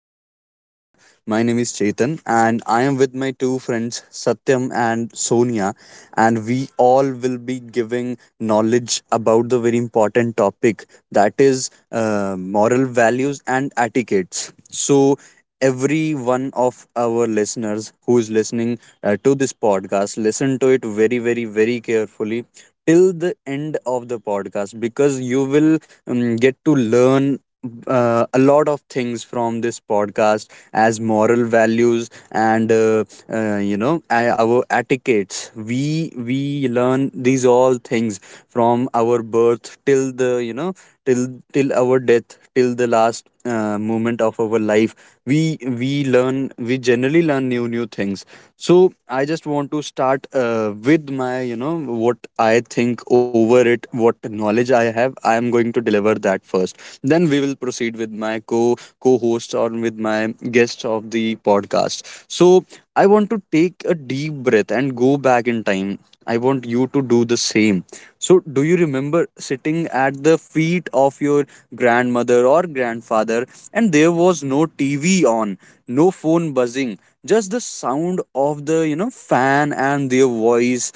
our podcast. My name is Chetan, and I am with my two friends Satyam and Sonia, and we all will be giving knowledge about the very important topic that is moral values and etiquettes. So, every one of our listeners who is listening to this podcast, listen to it very, very, very carefully till the end of the podcast, because you will get to learn a lot of things from this podcast. As moral values and our etiquettes, we learn these all things from our birth till the you know till till our death, till the last moment of our life. We we learn, we generally learn new things. So I just want to start with my, what I think over it, what knowledge I have, I am going to deliver that first. Then we will proceed with my co host, or with my guest of the podcast. So I want to take a deep breath and go back in time. I want you to do the same. So, do you remember sitting at the feet of your grandmother or grandfather, and there was no TV on, no phone buzzing, just the sound of the fan and their voice?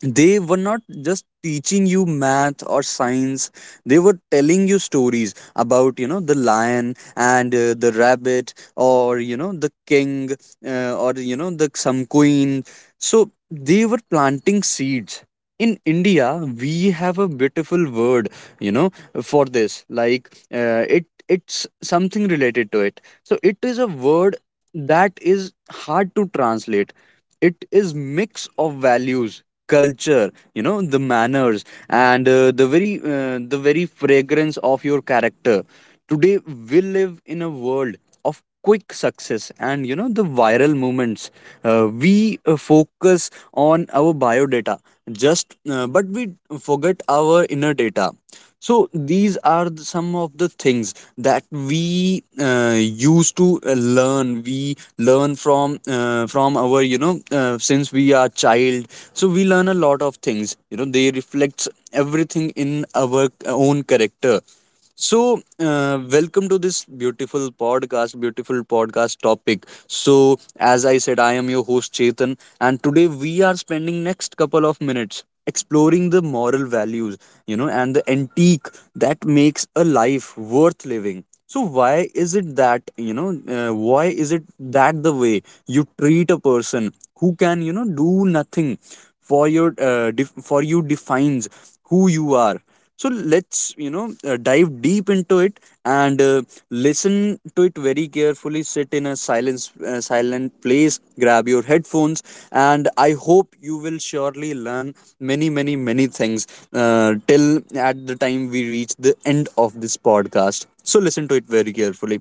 They were not just teaching you math or science, they were telling you stories about, the lion and the rabbit, or, the king, or the some queen. So they were planting seeds. In india we have a beautiful word, you know for this, like, it, it's something related to it. So it is a word that is hard to translate. It is mix of values, culture, the manners, and the very fragrance of your character. Today we live in a world of quick success and, the viral movements. We focus on our biodata, just, but we forget our inner data. So these are the- some of the things that we used to learn. We learn from our, since we are child. So we learn a lot of things, they reflects everything in our own character. So, welcome to this beautiful podcast topic. So, as I said, I am your host Chetan, and today we are spending next couple of minutes exploring the moral values, and the antique that makes a life worth living. So why is it that the way you treat a person who can, do nothing for your, for you, defines who you are. So let's, dive deep into it, and listen to it very carefully, sit in a silence, silent place, grab your headphones, and I hope you will surely learn many, many, many things, till at the time we reach the end of this podcast. So listen to it very carefully.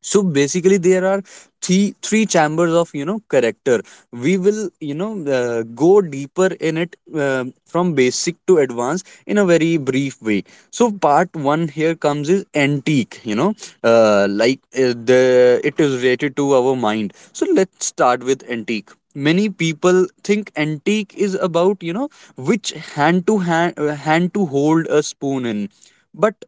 So basically there are three chambers of, character. We will go deeper in it, from basic to advanced in a very brief way. So part one here comes is antique. The it is related to our mind. So let's start with antique. Many people think antique is about, which hand to hold a spoon in. But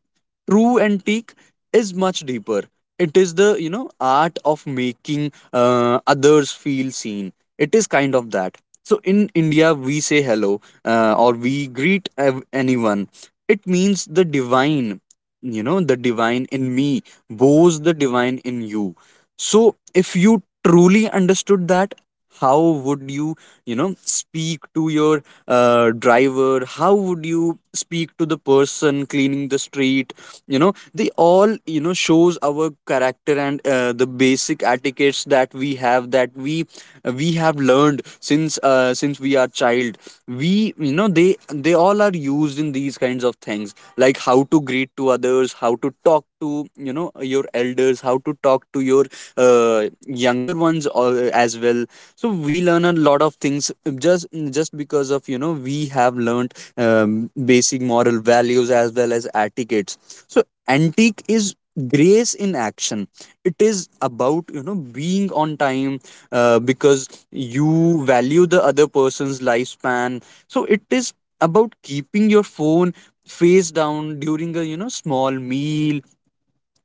true antique is much deeper. It is the, art of making others feel seen. It is kind of that. So in india we say hello, or we greet anyone. It means the divine, the divine in me bows the divine in you. So if you truly understood that, how would you, you know speak to your driver? How would you speak to the person cleaning the street? They all, shows our character, and the basic etiquettes that we have, that we have learned since we are child. We you know they they all are used in these kinds of things, like how to greet to others, how to talk to, your elders, how to talk to your younger ones, as well. So we learn a lot of things, just because of, we have learned basic moral values as well as etiquettes. So antique is grace in action. It is about, being on time, because you value the other person's lifespan. So it is about keeping your phone face down during a, small meal.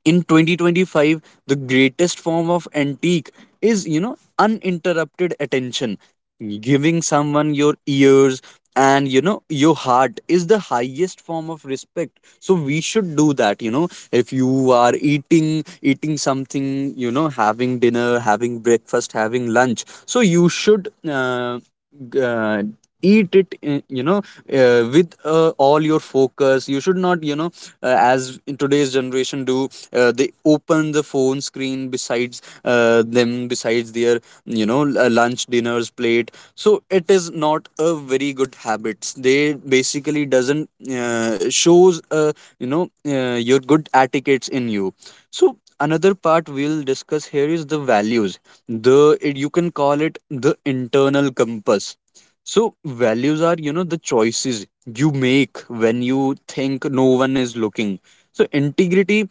In 2025, the greatest form of antique is, uninterrupted attention. Giving someone your ears, and, your heart, is the highest form of respect. So we should do that. If you are eating something, having dinner, having breakfast, having lunch, so you should, g- uh, eat it, with all your focus. You should not, as in today's generation do, they open the phone screen besides them, besides their, lunch dinners plate. So it is not a very good habits. They basically doesn't shows, your good etiquettes in you. So another part we'll discuss here is the values. The It, you can call it the internal compass. So values are, the choices you make when you think no one is looking. So integrity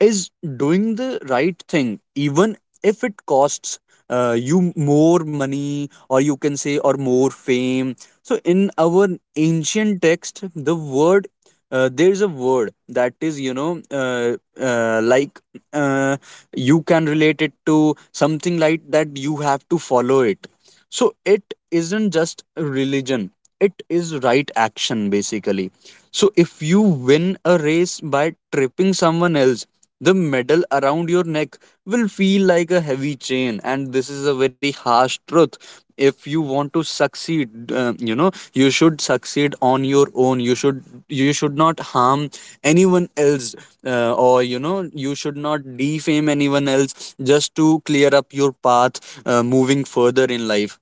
is doing the right thing, even if it costs you more money, or you can say, or more fame. So in our ancient text, the word, there is a word that is, uh, like uh, you can relate it to something like that. You have to follow it. So it isn't just religion, it is right action basically. So if you win a race by tripping someone else, the medal around your neck will feel like a heavy chain. And this is a very harsh truth. If you want to succeed, you should succeed on your own. You should not harm anyone else, or you should not defame anyone else, just to clear up your path, moving further in life.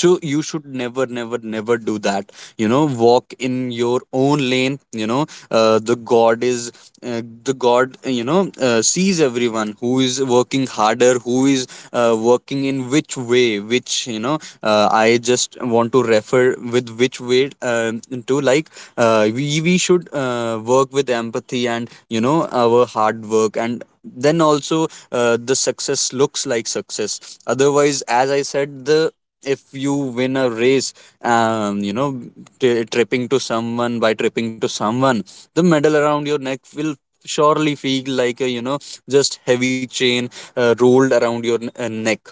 So you should never do that. Walk in your own lane. The god is, the god sees everyone who is working harder, who is working in which way, which, I just want to refer with which way, to like we should, work with empathy, and, our hard work, and then also, the success looks like success. Otherwise, as I said, the — if you win a race, you know t- tripping to someone by tripping to someone, the medal around your neck will surely feel like a, just heavy chain, rolled around your neck.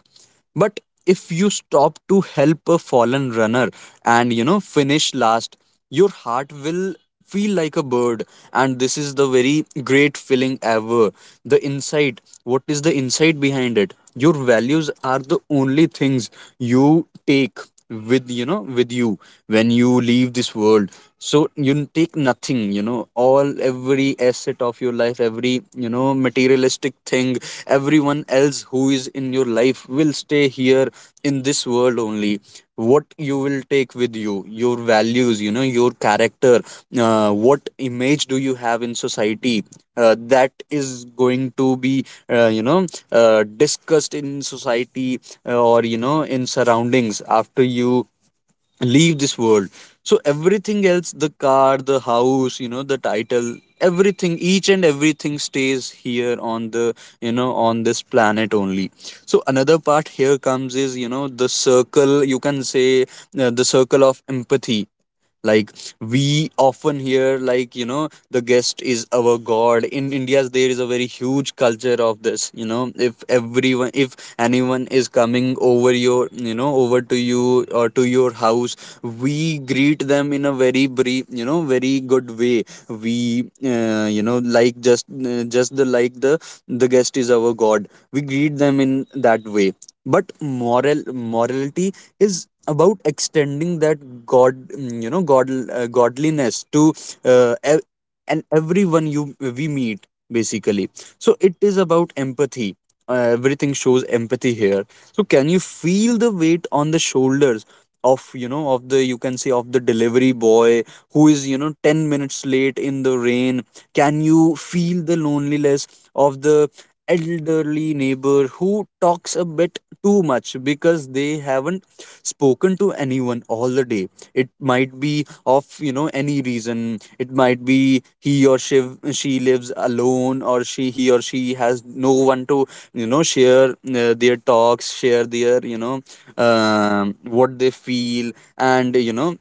But if you stop to help a fallen runner, and, finish last, your heart will feel like a bird. And this is the very great feeling ever. The insight — what is the insight behind it? Your values are the only things you take with you when you leave this world. So you take nothing, all, every asset of your life, every, materialistic thing, everyone else who is in your life will stay here in this world only. What you will take with you, your values, your character, what image do you have in society, that is going to be, discussed in society, or in surroundings after you leave this world. So everything else, the car, the house, the title, everything, each and everything, stays here on the, on this planet only. So another part here comes is, the circle, you can say, the circle of empathy. Like, we often hear, like, the guest is our god. In india there is a very huge culture of this. If everyone, if anyone is coming over your, over to you or to your house, we greet them in a very brief, very good way. We, like, just, just the, like the guest is our god. We greet them in that way. But morality is about extending that godliness to, uh, ev- and everyone you we meet basically. So it is about empathy. Everything shows empathy here. So can you feel the weight on the shoulders of the, you can say, of the delivery boy who is 10 minutes late in the rain. Can you feel the loneliness of the elderly neighbor who talks a bit too much because they haven't spoken to anyone all the day? It might be of any reason. It might be he or she lives alone, or she he or she has no one to share their talks, share their what they feel, and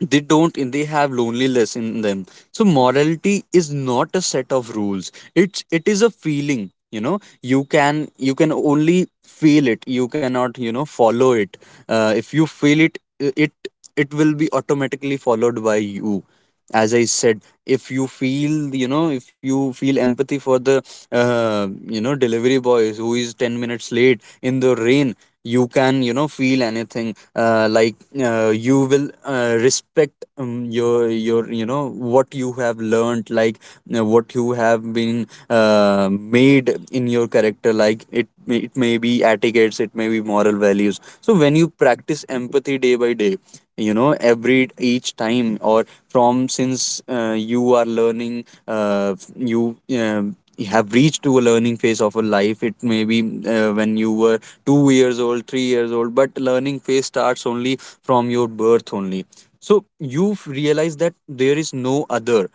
they don't, and they have loneliness in them. So morality is not a set of rules, it is a feeling. You know, you can, you can only feel it. You cannot, follow it. If you feel it, it it will be automatically followed by you. As I said, if you feel, if you feel empathy for the uh, delivery boys who is 10 minutes late in the rain, you can, feel anything like. You will respect your what you have learned, like what you have been made in your character, like it may be etiquettes, it may be moral values. So when you practice empathy day by day, every each time, or from since you are learning, you have reached to a learning phase of a life. It may be when you were 2 years old, 3 years old, but learning phase starts only from your birth only. So you realize that there is no other,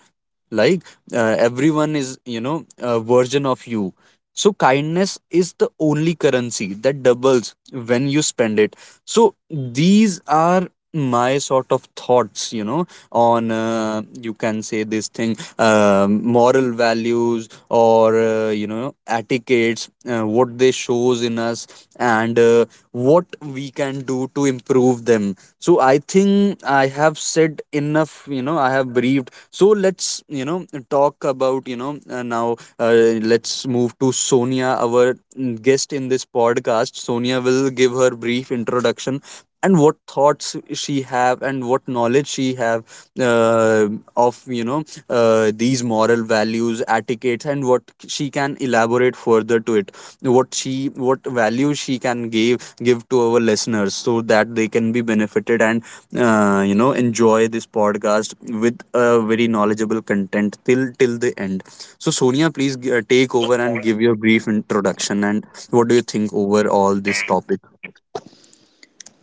like everyone is a version of you. So kindness is the only currency that doubles when you spend it. So these are my sort of thoughts, on you can say, this thing, moral values or, etiquettes what they shows in us, and what we can do to improve them. So I think I have said enough. I have briefed, so let's, talk about, now, let's move to Sonia, our guest in this podcast. Sonia will give her brief introduction and what thoughts she have and what knowledge she have uh, of, these moral values, etiquettes, and what she can elaborate further to it, what she, what value she can give to our listeners so that they can be benefited and enjoy this podcast with a very knowledgeable content till the end. So Sonia, please take over and give your brief introduction and what do you think over all this topic.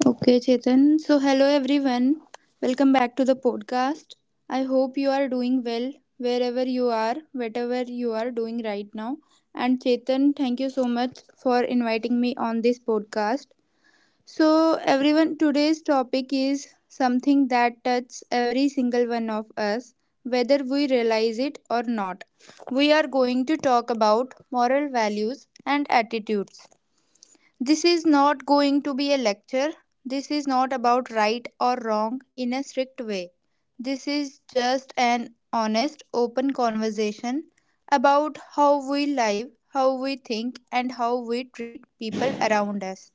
Okay, Chetan. So, hello everyone. Welcome back to the podcast. I hope you are doing well wherever you are, whatever you are doing right now. And, Chetan, thank you so much for inviting me on this podcast. So, everyone, today's topic is something that touches every single one of us, whether we realize it or not. We are going to talk about moral values and attitudes. This is not going to be a lecture. This is not about right or wrong in a strict way. This is just an honest, open conversation about how we live, how we think, and how we treat people around us.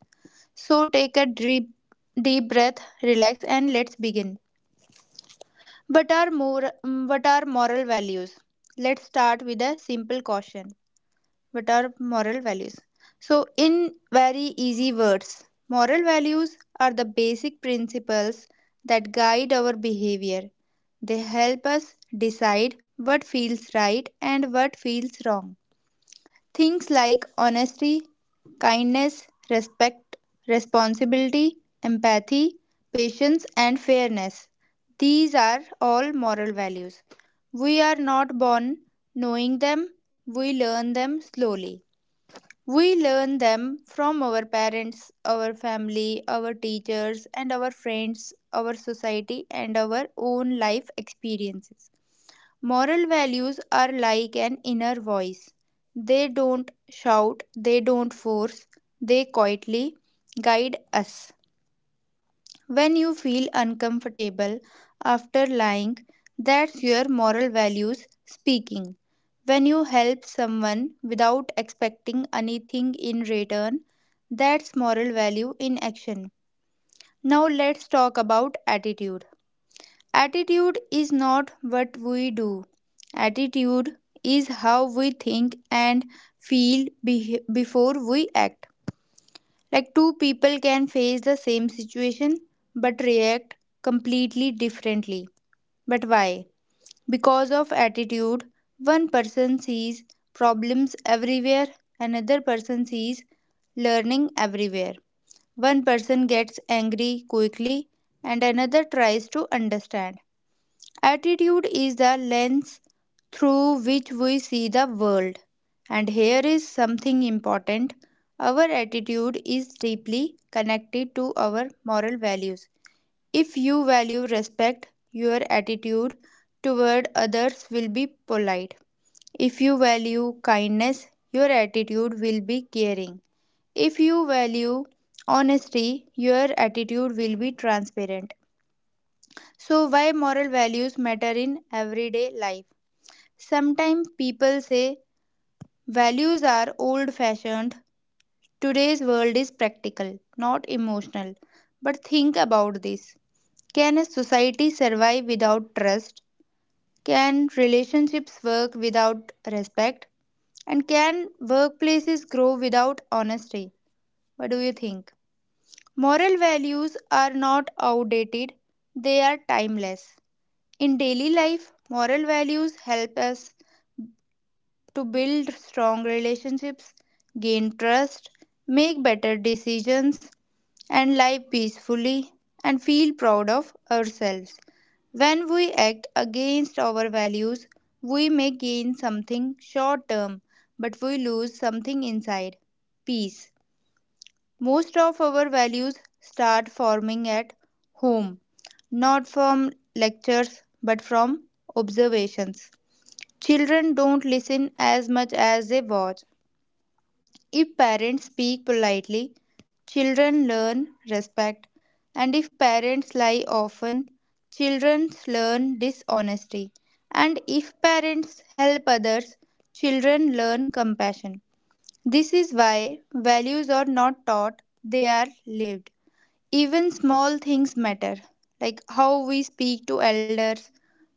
So take a deep, deep breath, relax, and let's begin. What are moral values? Let's start with a simple caution: what are moral values? So, in very easy words, moral values are the basic principles that guide our behavior. They help us decide what feels right and what feels wrong. Things like honesty, kindness, respect, responsibility, empathy, patience, and fairness. These are all moral values. We are not born knowing them, we learn them slowly. We learn them from our parents, our family, our teachers, and our friends, our society, and our own life experiences. Moral values are like an inner voice. They don't shout, they don't force, they quietly guide us. When you feel uncomfortable after lying, that's your moral values speaking. When you help someone without expecting anything in return, that's moral value in action. Now let's talk about attitude. Attitude is not what we do. Attitude is how we think and feel before we act. Like two people can face the same situation but react completely differently. But why? Because of attitude, one person sees problems everywhere, another person sees learning everywhere. One person gets angry quickly and another tries to understand. Attitude is the lens through which we see the world. And here is something important: our attitude is deeply connected to our moral values. If you value respect, your attitude toward others will be polite. If you value kindness, your attitude will be caring. If you value honesty, your attitude will be transparent. So, why moral values matter in everyday life? Sometimes people say values are old fashioned. Today's world is practical, not emotional. But think about this: can a society survive without trust? Can relationships work without respect? And can workplaces grow without honesty? What do you think? Moral values are not outdated, they are timeless. In daily life, moral values help us to build strong relationships, gain trust, make better decisions, and live peacefully and feel proud of ourselves. When we act against our values, we may gain something short term, but we lose something inside: peace. Most of our values start forming at home, not from lectures but from observations. Children don't listen as much as they watch. If parents speak politely, children learn respect. And if parents lie often, children learn dishonesty. And if parents help others, children learn compassion. This is why values are not taught, they are lived. Even small things matter, like how we speak to elders,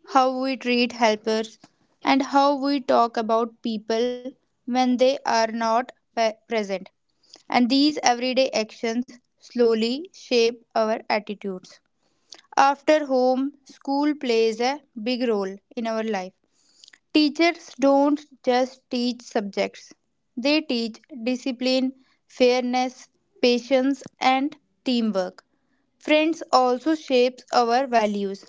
how we treat helpers, and how we talk about people when they are not present. And these everyday actions slowly shape our attitudes. After home, school plays a big role in our life. Teachers don't just teach subjects, they teach discipline, fairness, patience, and teamwork. Friends also shapes our values,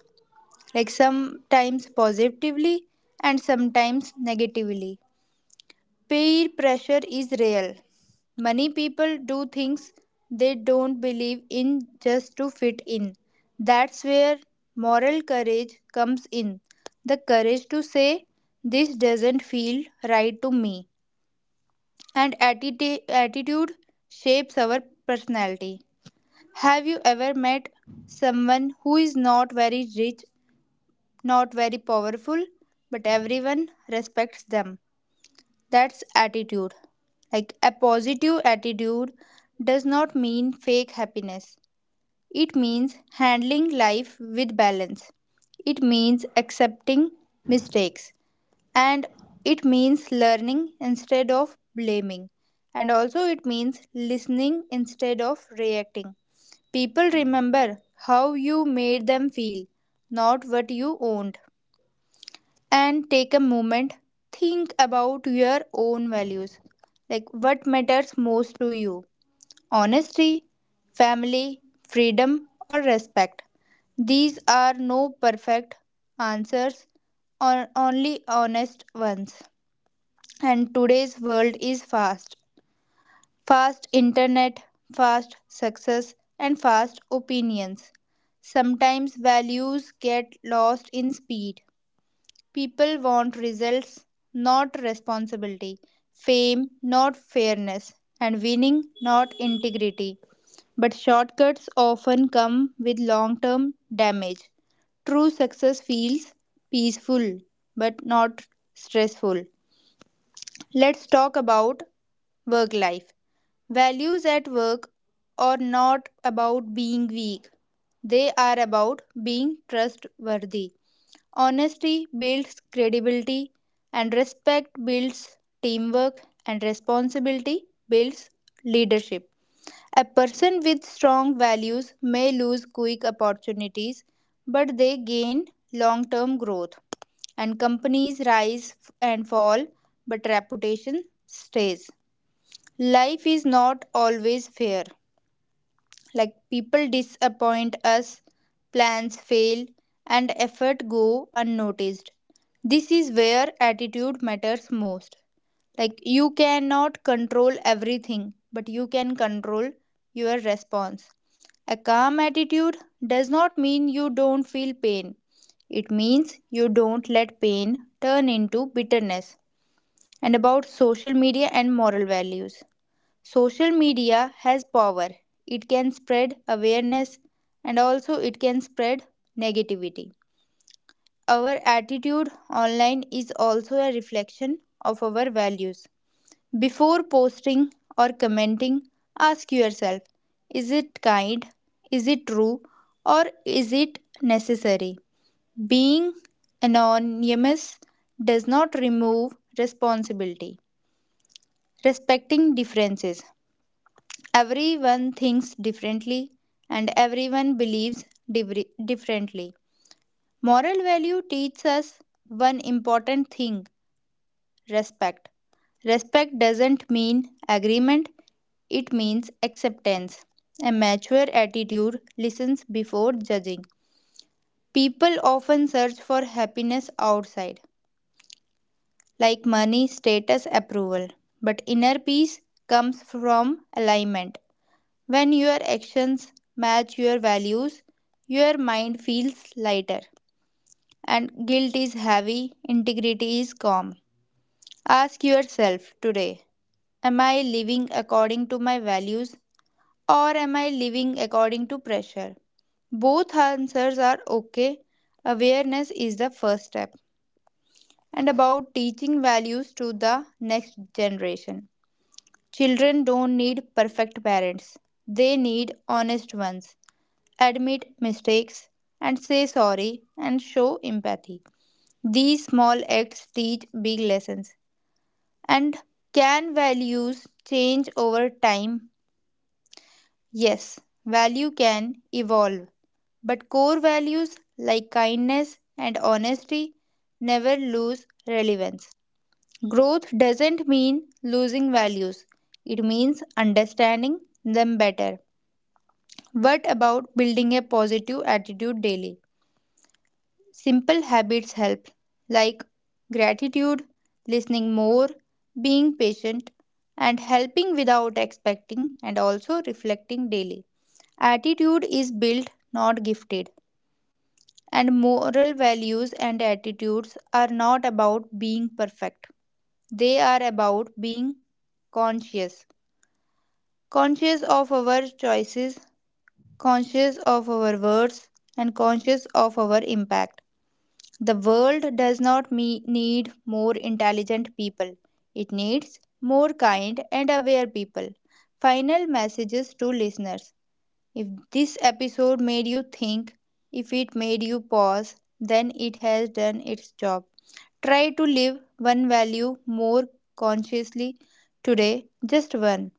like sometimes positively and sometimes negatively. Peer pressure is real. Many people do things they don't believe in just to fit in. That's where moral courage comes in, the courage to say this doesn't feel right to me. And attitude shapes our personality. Have you ever met someone who is not very rich, not very powerful, but everyone respects them? That's attitude. Like a positive attitude does not mean fake happiness. It means handling life with balance. It means accepting mistakes, and it means learning instead of blaming, and also it means listening instead of reacting. People remember how you made them feel, not what you owned. And take a moment, think about your own values, like what matters most to you: honesty, family, freedom or respect? These are no perfect answers, or only honest ones. And today's world is fast: fast internet, fast success and fast opinions. Sometimes values get lost in speed. People want results, not responsibility; fame, not fairness; and winning, not integrity. But shortcuts often come with long term damage. True success feels peaceful, but not stressful. Let's talk about work life. Values at work are not about being weak, they are about being trustworthy. Honesty builds credibility, and respect builds teamwork, and responsibility builds leadership. A person with strong values may lose quick opportunities, but they gain long term growth. And companies rise and fall, but reputation stays. Life is not always fair. Like, people disappoint us, plans fail, and effort go unnoticed. This is where attitude matters most. Like, you cannot control everything, but you can control your response. A calm attitude does not mean you don't feel pain. It means you don't let pain turn into bitterness. And about social media and moral values. Social media has power. It can spread awareness, and also it can spread negativity. Our attitude online is also a reflection of our values. Before posting or commenting, ask yourself: is it kind, is it true, or is it necessary? Being anonymous does not remove responsibility. Respecting differences: everyone thinks differently and everyone believes differently. Moral value teaches us one important thing: respect. Respect doesn't mean agreement, it means acceptance. A mature attitude listens before judging. People often search for happiness outside, like money, status, approval. But inner peace comes from alignment. When your actions match your values, your mind feels lighter. And guilt is heavy, integrity is calm. Ask yourself today: am I living according to my values, or am I living according to pressure? Both answers are okay. Awareness is the first step. And about teaching values to the next generation. Children don't need perfect parents, they need honest ones. Admit mistakes and say sorry and show empathy. These small acts teach big lessons. And can values change over time? Yes, value can evolve, but core values like kindness and honesty never lose relevance. Growth doesn't mean losing values, it means understanding them better. What about building a positive attitude daily? Simple habits help, like gratitude, listening more, being patient, and helping without expecting, and also reflecting daily. Attitude is built, not gifted. And moral values and attitudes are not about being perfect, they are about being conscious. Conscious of our choices, conscious of our words, and conscious of our impact. The world does not need more intelligent people. It needs more kind and aware people. Final messages to listeners. If this episode made you think, if it made you pause, then it has done its job. Try to live one value more consciously today, just one.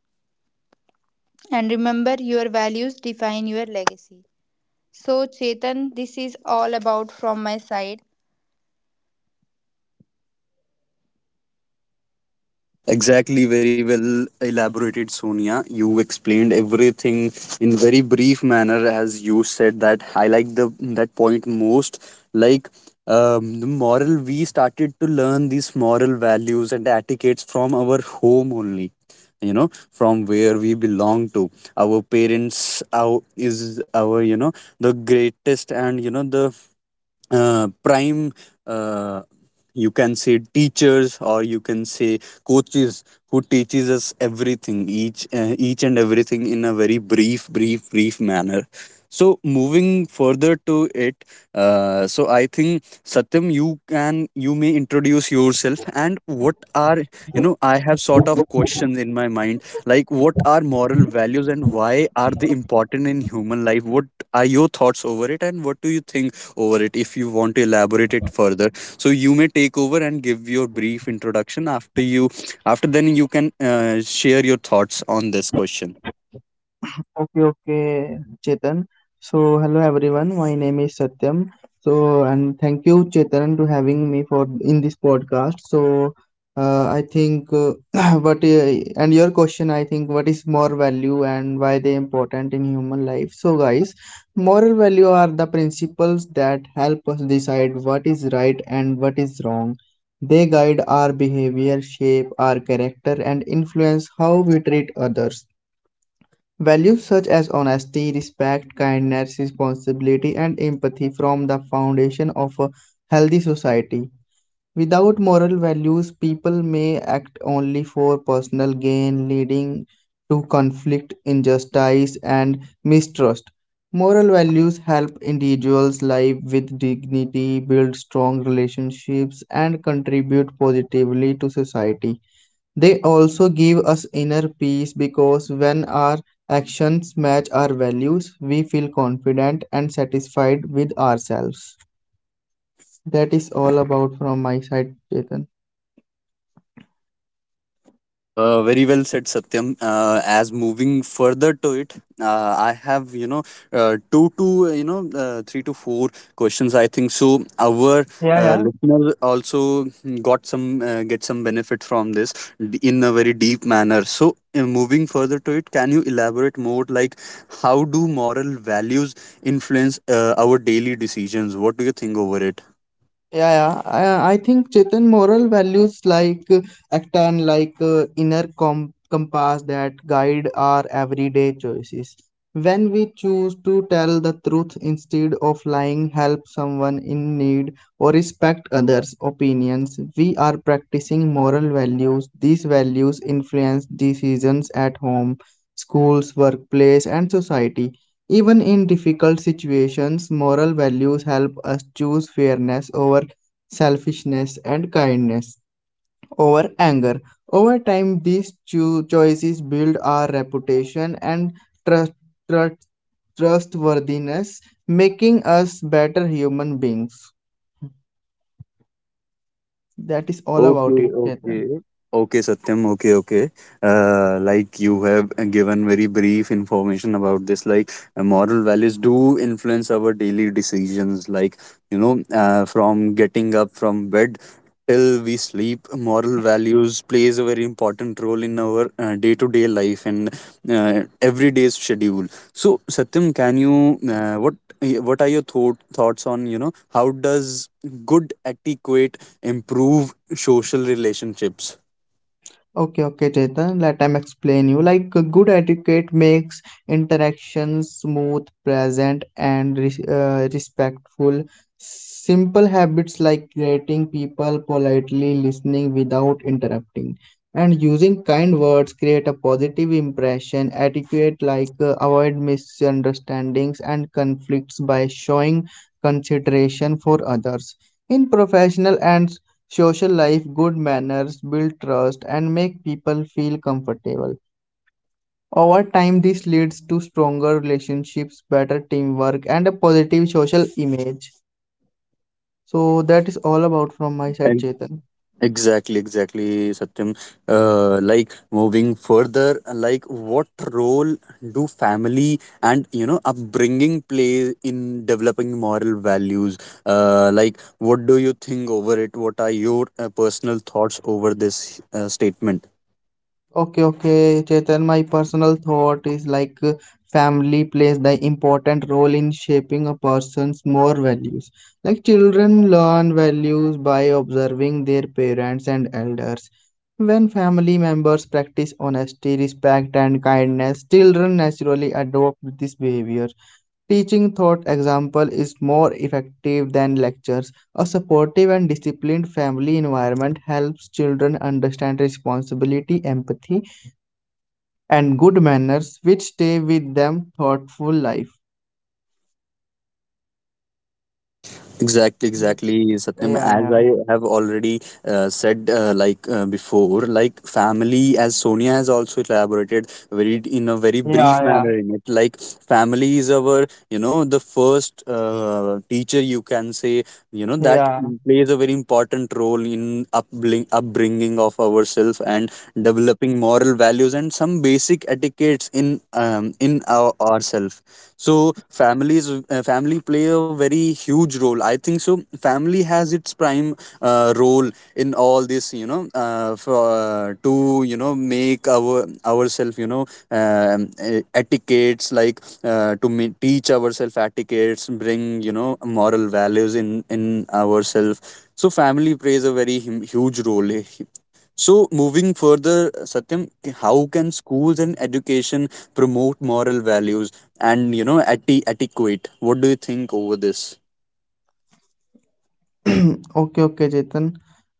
And remember, your values define your legacy. So, Chetan, this is all about from my side. Exactly, very well elaborated, Sonia. You explained everything in very brief manner, as you said that I like the that point most. Like the moral, we started to learn these moral values and etiquettes from our home only. You know, from where we belong to. Our parents, our is our the greatest and the prime uh, you can say teachers, or you can say coaches, who teaches us everything, each and everything, in a very brief manner. So moving further to it, so I think Satyam, you can, you may introduce yourself, and what are, I have sort of questions in my mind, like what are moral values and why are they important in human life? What are your thoughts over it and what do you think over it? If you want to elaborate it further, so you may take over and give your brief introduction. After you, after then you can share your thoughts on this question. Okay, okay, Chetan. So, hello everyone. My name is Satyam. So, and thank you, Chetan, to having me for in this podcast. So, I think what and your question, I think, what is moral value and why they important in human life? So, guys, moral value are the principles that help us decide what is right and what is wrong. They guide our behavior, shape our character, and influence how we treat others. Values such as honesty, respect, kindness, responsibility, and empathy form the foundation of a healthy society. Without moral values, people may act only for personal gain, leading to conflict, injustice, and mistrust. Moral values help individuals live with dignity, build strong relationships, and contribute positively to society. They also give us inner peace because when our actions match our values, we feel confident and satisfied with ourselves. That is all about from my side, Chetan. Very well said, Satyam. As moving further to it, I have two to, three to four questions, I think so. Our Yeah, yeah. listeners also got some, get some benefit from this in a very deep manner. So, moving further to it, can you elaborate more? Like how do moral values influence our daily decisions? What do you think over it? Yeah, yeah. I think Chetan moral values like act and like inner compass that guide our everyday choices. When we choose to tell the truth instead of lying, help someone in need, or respect others' opinions, we are practicing moral values. These values influence decisions at home, schools, workplace, and society. Even in difficult situations, moral values help us choose fairness over selfishness and kindness over anger. Over time, these choices build our reputation and trust, trust, trustworthiness, making us better human beings. That is all Okay, about it, Chetan. okay. Okay, Satyam. Okay, okay. Like you have given very brief information about this. Like moral values do influence our daily decisions. Like you know, from getting up from bed till we sleep, moral values plays a very important role in our day to day life and everyday's schedule. So, Satyam, can you what are your thought, thoughts on, how does good etiquette improve social relationships? Okay, okay, Chetan, let me explain you. Like good etiquette makes interactions smooth, present, and respectful. Simple habits like greeting people politely, listening without interrupting, and using kind words create a positive impression. Etiquette like avoid misunderstandings and conflicts by showing consideration for others. In professional and social life, good manners, build trust, and make people feel comfortable. Over time, this leads to stronger relationships, better teamwork, and a positive social image. So, that is all about from my side, And Chetan. exactly, exactly, Satyam. Like moving further, like what role do family and, upbringing play in developing moral values? Like what do you think over it? What are your personal thoughts over this statement? Okay, okay, Chetan, my personal thought is like family plays the important role in shaping a person's more values. Like children learn values by observing their parents and elders. When family members practice honesty, respect, and kindness, children naturally adopt this behavior. Teaching thought example is more effective than lectures. A supportive and disciplined family environment helps children understand responsibility, empathy, and good manners which stay with them thoughtful life. Exactly, Yeah, exactly, Satyam. As yeah, I have already said, like before, like family, as Sonia has also elaborated very in a very brief yeah, manner yeah, in it. Like family is our, you know, the first teacher, you can say, you know, that yeah. plays a very important role in upbring, upbringing of ourselves and developing moral values and some basic etiquettes in our ourselves. So families, family play a very huge role, I think so. Family has its prime role in all this, for, to, make our ourselves, etiquettes, like to teach ourselves etiquettes, bring, moral values in ourselves. So family plays a very huge role, so, moving further, Satyam, how can schools and education promote moral values and, etiquette? What do you think over this? Okay, okay, Chetan.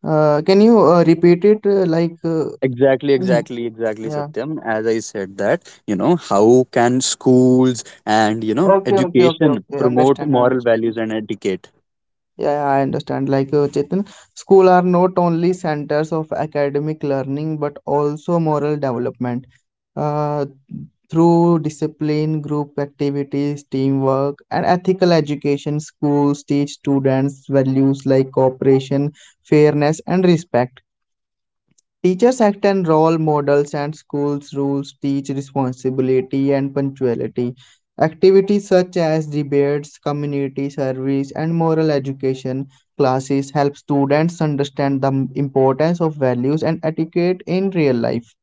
Can you repeat it Exactly, mm? exactly, exactly, Yeah. Satyam. As I said that, you know, how can schools and, Okay, okay, okay, education okay. promote Understand, moral understand. values and etiquette? Yeah, yeah, I understand. Like Chetan, school are not only centers of academic learning but also moral development. uh, Through discipline, group activities, teamwork, and ethical education, schools teach students values like cooperation, fairness, and respect. Teachers act as role models, and schools' rules teach responsibility and punctuality. Activities such as debates, community service, and moral education classes help students understand the importance of values and etiquette in real life.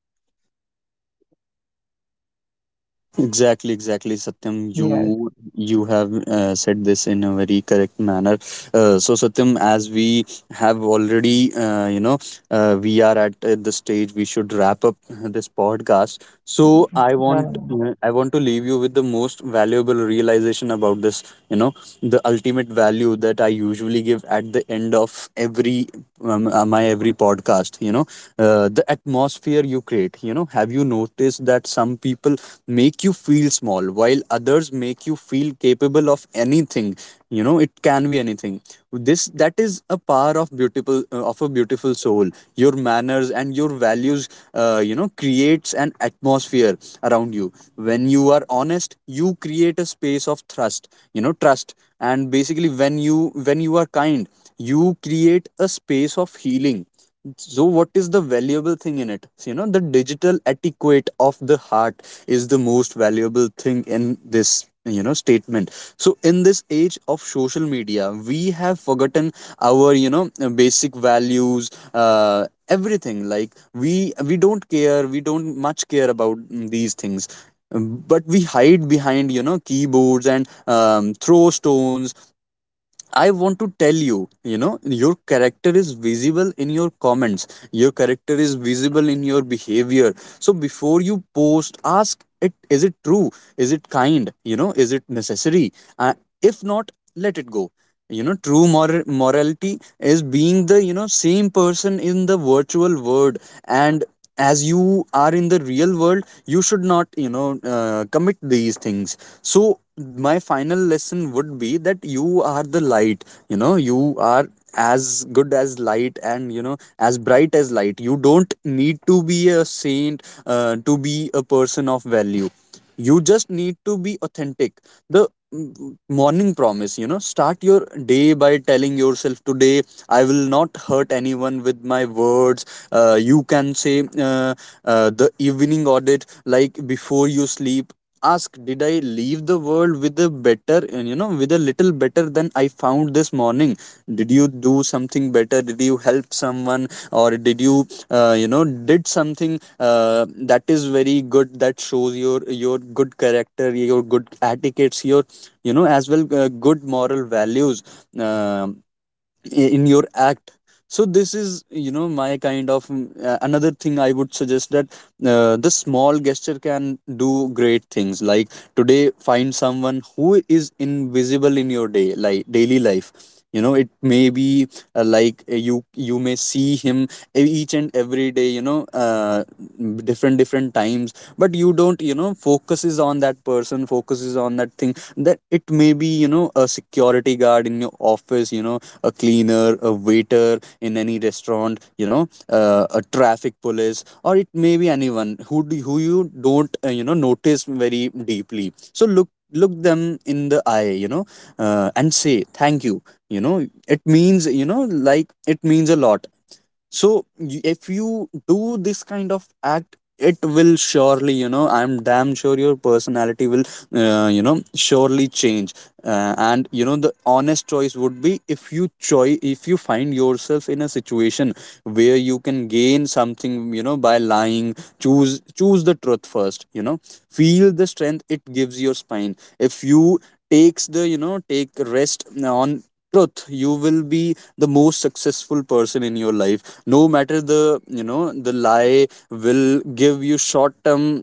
Exactly, exactly, Satyam. Yes. You have said this in a very correct manner. So, Satyam, as we have already, you know, we are at the stage we should wrap up this podcast. So, I Yeah. want, I want to leave you with the most valuable realization about this. You know, the ultimate value that I usually give at the end of every my every podcast. You know the atmosphere you create. You know, have you noticed that some people make you feel small while others make you feel capable of anything? You know, it can be anything. This that is a power of beautiful, of a beautiful soul, your manners and your values, you know, creates an atmosphere around you. When you are honest, you create a space of trust. You know, trust. And basically when you, when you are kind, you create a space of healing. So what is the valuable thing in it? So, you know, the digital etiquette of the heart is the most valuable thing in this, statement so in this age of social media, we have forgotten our, basic values, everything. Like we don't care, we don't much care about, these things. Um, but we hide behind, keyboards and, throw stones. I want to tell you, you know, your character is visible in your comments. Your character is visible in your behavior. So before you post, ask it: Is it true? Is it kind? You know, is it necessary? If not, let it go. You know, true morality is being the, same person in the virtual world and as you are in the real world. You should not, commit these things. So my final lesson would be that you are the light. You know, you are as good as light and, you know, as bright as light. You don't need to be a saint to be a person of value. You just need to be authentic. The morning promise: you know, start your day by telling yourself, today I will not hurt anyone with my words. You can say, the evening audit, like before you sleep, ask: did I leave the world with a better, and, you know, with a little better than I found this morning? Did you do something better? Did you help someone, or did you, you know, did something, that is very good, that shows your good character, your good etiquettes, your, you know, as well, good moral values, uh, in your act? So this is, you know, my kind of, another thing I would suggest, that, the small gesture can do great things. Like today, find someone who is invisible in your day, like daily life. You know, it may be like, you may see him each and every day, you know, different different times, but you don't, you know, focuses on that person, focuses on that thing, that it may be, you know, a security guard in your office, you know, a cleaner, a waiter in any restaurant, you know, a traffic police, or it may be anyone who do, who you don't, you know, notice very deeply. So look them in the eye, you know, and say thank you. You know, it means, you know, like it means a lot. So if you do this kind of act, it will surely, you know, I'm damn sure your personality will, you know, surely change. And you know, the honest choice would be, if you choi if you find yourself in a situation where you can gain something, you know, by lying, choose, choose the truth first. You know, feel the strength it gives your spine. If you takes the, you know, take rest on truth, you will be the most successful person in your life. No matter the, you know, the lie will give you short term,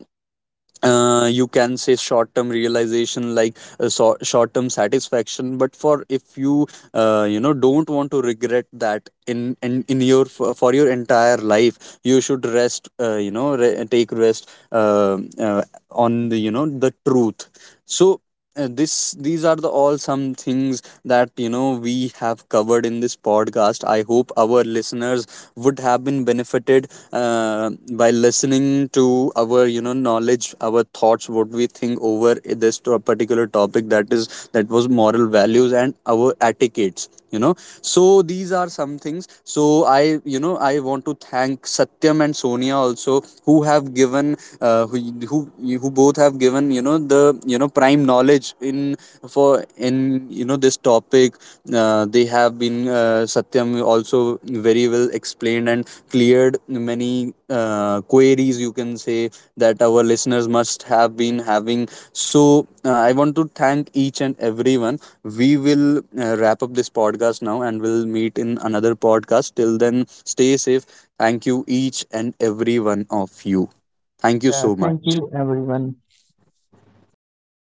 you can say short term realization, like, short term satisfaction, but for, if you, you know, don't want to regret that in, in your for your entire life, you should rest, you know, take rest, on the, you know, the truth. So, this these are the all some things that, you know, we have covered in this podcast. I hope our listeners would have been benefited by listening to our, you know, knowledge, our thoughts, what we think over this particular topic, that is, that was moral values and our etiquettes, you know. So these are some things. So I, you know, I want to thank Satyam and Sonia also, who have given who both have given, you know, the, you know, prime knowledge in, for in, you know, this topic. They have been, Satyam also very well explained and cleared many queries, you can say, that our listeners must have been having. So, I want to thank each and everyone. We will, wrap up this podcast now and we'll meet in another podcast. Till then, stay safe. Thank you, each and every one of you. Thank you Yeah, so thank much. you everyone.